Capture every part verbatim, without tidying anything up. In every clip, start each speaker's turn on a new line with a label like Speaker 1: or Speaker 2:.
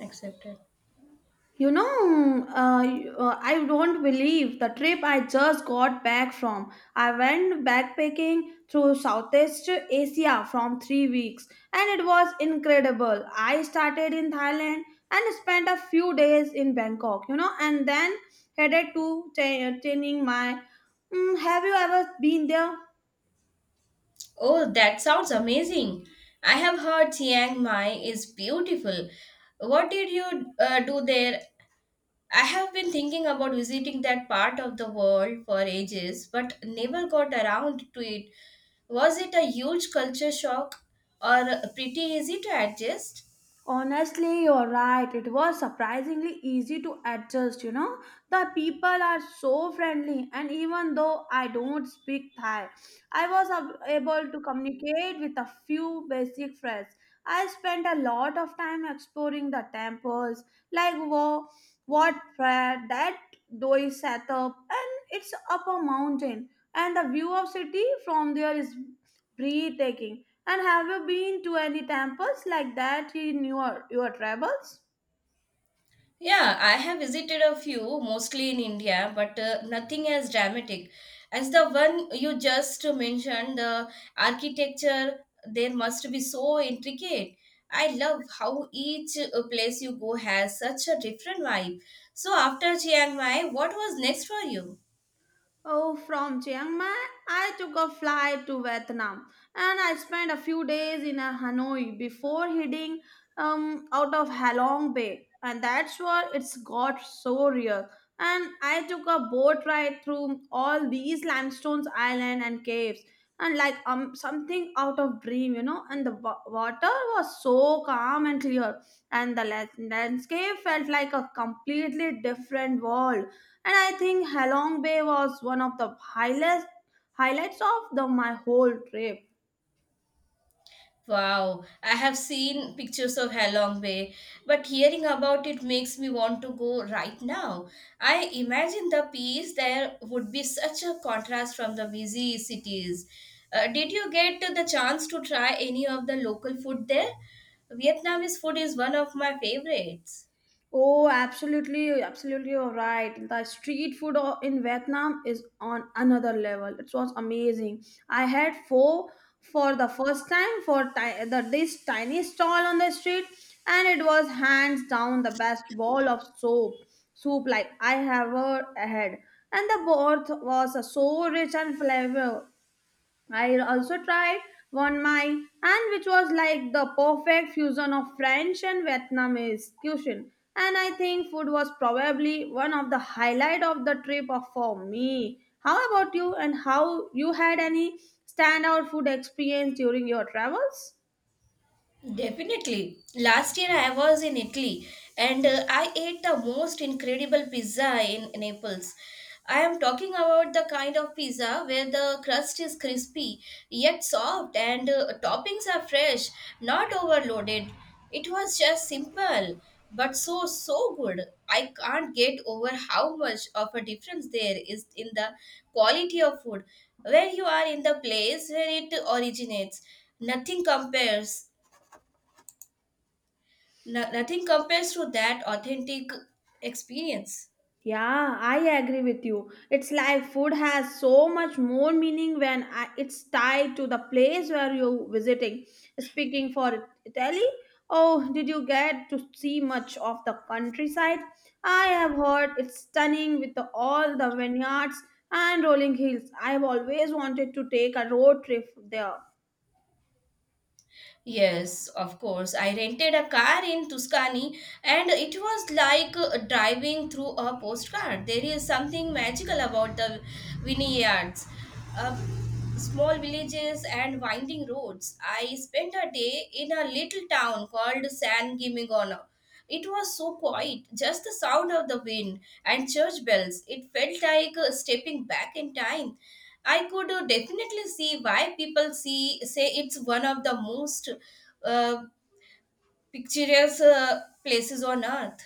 Speaker 1: Accepted.
Speaker 2: You know, uh, you- uh, I don't believe the trip I just got back from. I went backpacking through Southeast Asia from three weeks and it was incredible. I started in Thailand and spent a few days in Bangkok, you know, and then headed to Ch- Chiang Mai. Mm, have you ever been there?
Speaker 1: Oh, that sounds amazing. I have heard Chiang Mai is beautiful. What did you uh, do there? I have been thinking about visiting that part of the world for ages, but never got around to it. Was it a huge culture shock or uh, pretty easy to adjust?
Speaker 2: Honestly, you're right. It was surprisingly easy to adjust, you know. The people are so friendly, and even though I don't speak Thai, I was ab- able to communicate with a few basic phrases. I spent a lot of time exploring the temples, like wo, what prayer, that doi setup, and it's up a mountain, and the view of city from there is breathtaking and have you been to any temples like that in your, your travels?
Speaker 1: Yeah, I have visited a few, mostly in India, but uh, nothing as dramatic as the one you just mentioned. The architecture there must be so intricate. I love how each uh, place you go has such a different vibe. So after Chiang Mai, what was next for you?
Speaker 2: Oh, from Chiang Mai, I took a flight to Vietnam and I spent a few days in uh, Hanoi before heading um, out of Halong Bay. And that's where it's got so real. And I took a boat ride through all these limestones, island and caves. And like um something out of dream, you know. And the wa- water was so calm and clear and the la- landscape felt like a completely different world. And I think Halong Bay was one of the highlights highlights of the my whole trip.
Speaker 1: Wow, I have seen pictures of Halong Bay, but hearing about it makes me want to go right now. I imagine the peace there would be such a contrast from the busy cities. Uh, did you get the chance to try any of the local food there? Vietnamese food is one of my favorites.
Speaker 2: Oh, absolutely, absolutely, you're right. The street food o- in Vietnam is on another level. It was amazing. I had pho for the first time for ti- the, this tiny stall on the street, and it was hands down the best bowl of soup, soup like I have ever had. And the broth was uh, so rich and flavor I also tried one mai and which was like the perfect fusion of French and Vietnamese cuisine. And I think food was probably one of the highlight of the trip of- for me. How about you and how you had any standout food experience during your travels?
Speaker 1: Definitely. Last year I was in Italy and uh, I ate the most incredible pizza in Naples. I am talking about the kind of pizza where the crust is crispy yet soft and uh, toppings are fresh, not overloaded. It was just simple but so so good. I can't get over how much of a difference there is in the quality of food when you are in the place where it originates. Nothing compares. No, nothing compares to that authentic experience.
Speaker 2: Yeah, I agree with you. It's like food has so much more meaning when I, it's tied to the place where you're visiting. Speaking for Italy, oh, did you get to see much of the countryside? I have heard it's stunning with the, all the vineyards and rolling hills. I've always wanted to take a road trip there.
Speaker 1: Yes, of course. I rented a car in Tuscany and it was like uh, driving through a postcard. There is something magical about the vineyards, uh, small villages, and winding roads. I spent a day in a little town called San Gimignano. It was so quiet, just the sound of the wind and church bells. It felt like uh, stepping back in time. I could uh, definitely see why people see say it's one of the most uh, picturesque uh, places on earth.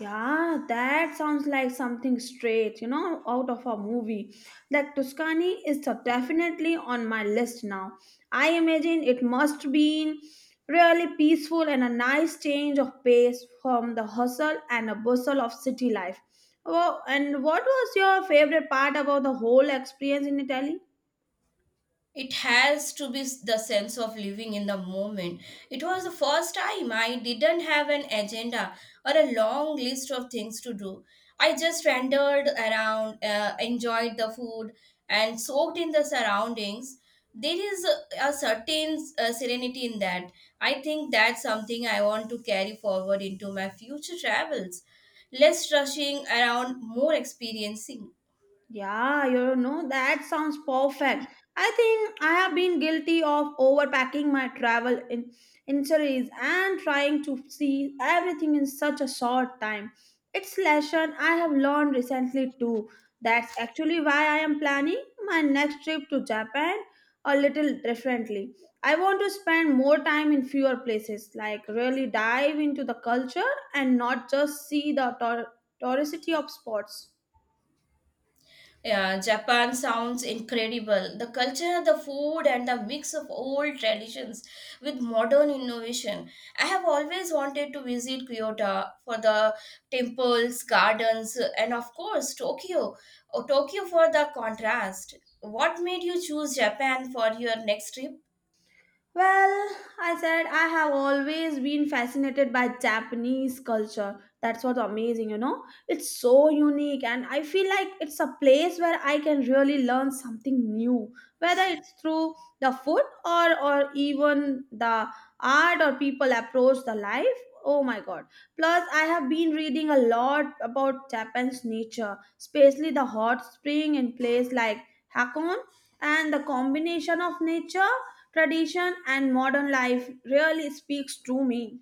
Speaker 2: Yeah, that sounds like something straight, you know, out of a movie. That Tuscany is a- definitely on my list now. I imagine it must be really peaceful and a nice change of pace from the hustle and a bustle of city life. Oh, and what was your favorite part about the whole experience in Italy?
Speaker 1: It has to be s- the sense of living in the moment. It was the first time I didn't have an agenda or a long list of things to do. I just wandered around, uh, enjoyed the food, and soaked in the surroundings. There is a, a certain uh, serenity in that. I think that's something I want to carry forward into my future travels. Less rushing around, more experiencing.
Speaker 2: Yeah, you know, that sounds perfect. I think I have been guilty of overpacking my travel in injuries and trying to see everything in such a short time. It's lesson I have learned recently too. That's actually why I am planning my next trip to Japan a little differently. I want to spend more time in fewer places, like really dive into the culture and not just see the tour- touristy of spots.
Speaker 1: Yeah, Japan sounds incredible. The culture, the food, and the mix of old traditions with modern innovation. I have always wanted to visit Kyoto for the temples, gardens, and of course, Tokyo. Oh, Tokyo for the contrast. What made you choose Japan for your next trip?
Speaker 2: Well, I said I have always been fascinated by Japanese culture. That's what's amazing, you know? It's so unique, and I feel like it's a place where I can really learn something new, whether it's through the food or, or even the art or people approach the life. Oh my god. Plus, I have been reading a lot about Japan's nature, especially the hot spring in place like Hakone, and the combination of nature, tradition, and modern life really speaks to me.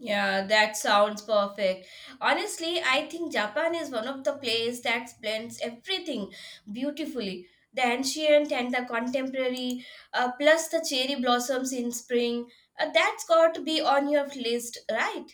Speaker 1: Yeah, that sounds perfect. Honestly, I think Japan is one of the places that blends everything beautifully. The ancient and the contemporary, uh, plus the cherry blossoms in spring. Uh, that's got to be on your list, right?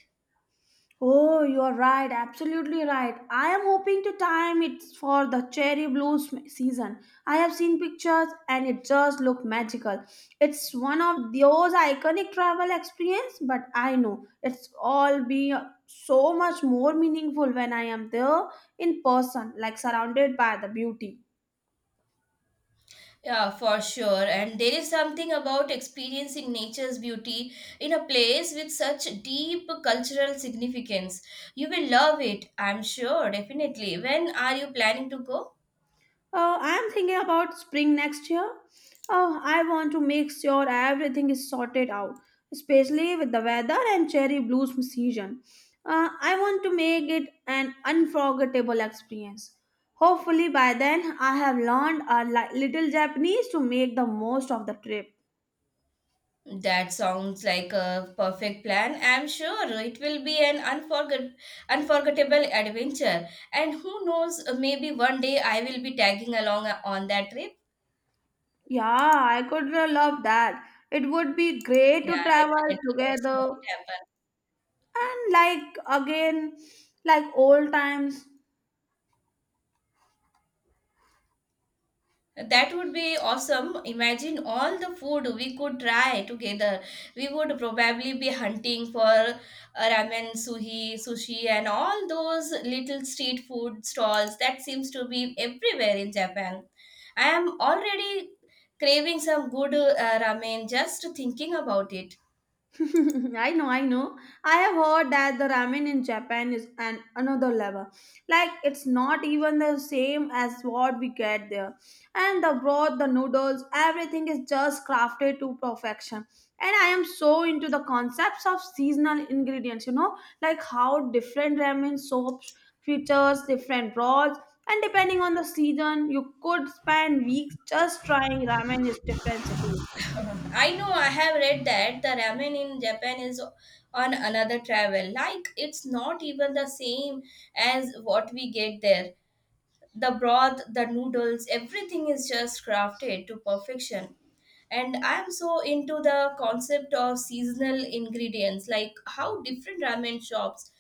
Speaker 2: Oh, you are right, absolutely right. I am hoping to time it for the cherry blossom season. I have seen pictures and it just look magical. It's one of those iconic travel experience, but I know it's all be so much more meaningful when I am there in person, like surrounded by the beauty.
Speaker 1: Yeah, for sure. And there is something about experiencing nature's beauty in a place with such deep cultural significance. You will love it, I'm sure, definitely. When are you planning to go?
Speaker 2: Uh, I'm thinking about spring next year. Uh, I want to make sure everything is sorted out, especially with the weather and cherry blossom season. Uh, I want to make it an unforgettable experience. Hopefully, by then, I have learned a li- little Japanese to make the most of the trip.
Speaker 1: That sounds like a perfect plan. I'm sure it will be an unforget- unforgettable adventure. And who knows, uh, maybe one day I will be tagging along uh, on that trip.
Speaker 2: Yeah, I could uh, love that. It would be great
Speaker 1: Yeah,
Speaker 2: to travel
Speaker 1: definitely. Let's make
Speaker 2: together
Speaker 1: it happen.
Speaker 2: and, like, again, like old times.
Speaker 1: That would be awesome. Imagine all the food we could try together. We would probably be hunting for uh, ramen, suhi, sushi, and all those little street food stalls that seems to be everywhere in Japan. I am already craving some good uh, ramen just thinking about it.
Speaker 2: I know, I know. I have heard that the ramen in Japan is an another level. Like it's not even the same as what we get there. And the broth, the noodles, everything is just crafted to perfection. And I am so into the concepts of seasonal ingredients, you know, like how different ramen soaps features different broths. And depending on the season, you could spend weeks just trying ramen in different cities.
Speaker 1: I know I have read that the ramen in Japan is on another travel. Like it's not even the same as what we get there. The broth, the noodles, everything is just crafted to perfection, and I'm so into the concept of seasonal ingredients, like how different ramen shops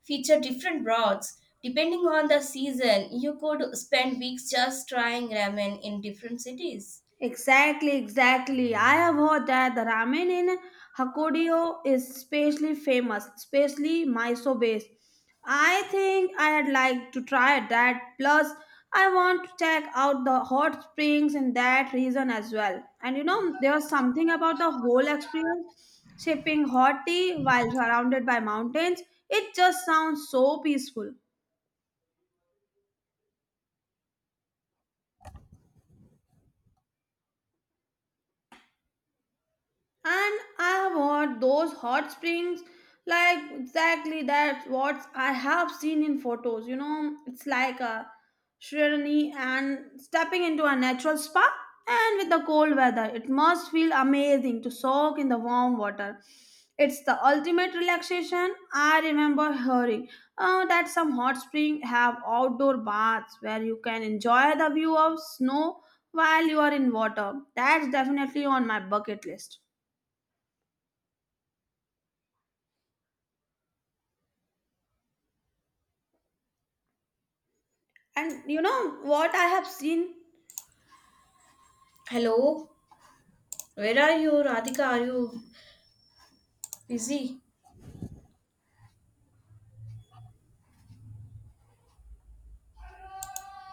Speaker 1: feature different broths. Depending on the season, you could spend weeks just trying ramen in different cities.
Speaker 2: Exactly, exactly. I have heard that the ramen in Hakodate is especially famous, especially miso based. I think I'd like to try that. Plus, I want to check out the hot springs in that region as well. And you know, there's something about the whole experience sipping hot tea while surrounded by mountains. It just sounds so peaceful. And I want those hot springs, like exactly that's what I have seen in photos. You know, it's like a serenity and stepping into a natural spa. And with the cold weather, it must feel amazing to soak in the warm water. It's the ultimate relaxation. I remember hearing uh, that some hot springs have outdoor baths where you can enjoy the view of snow while you are in water. That's definitely on my bucket list. And you know what I have seen?
Speaker 1: Hello, where are you, Radhika? Are you busy?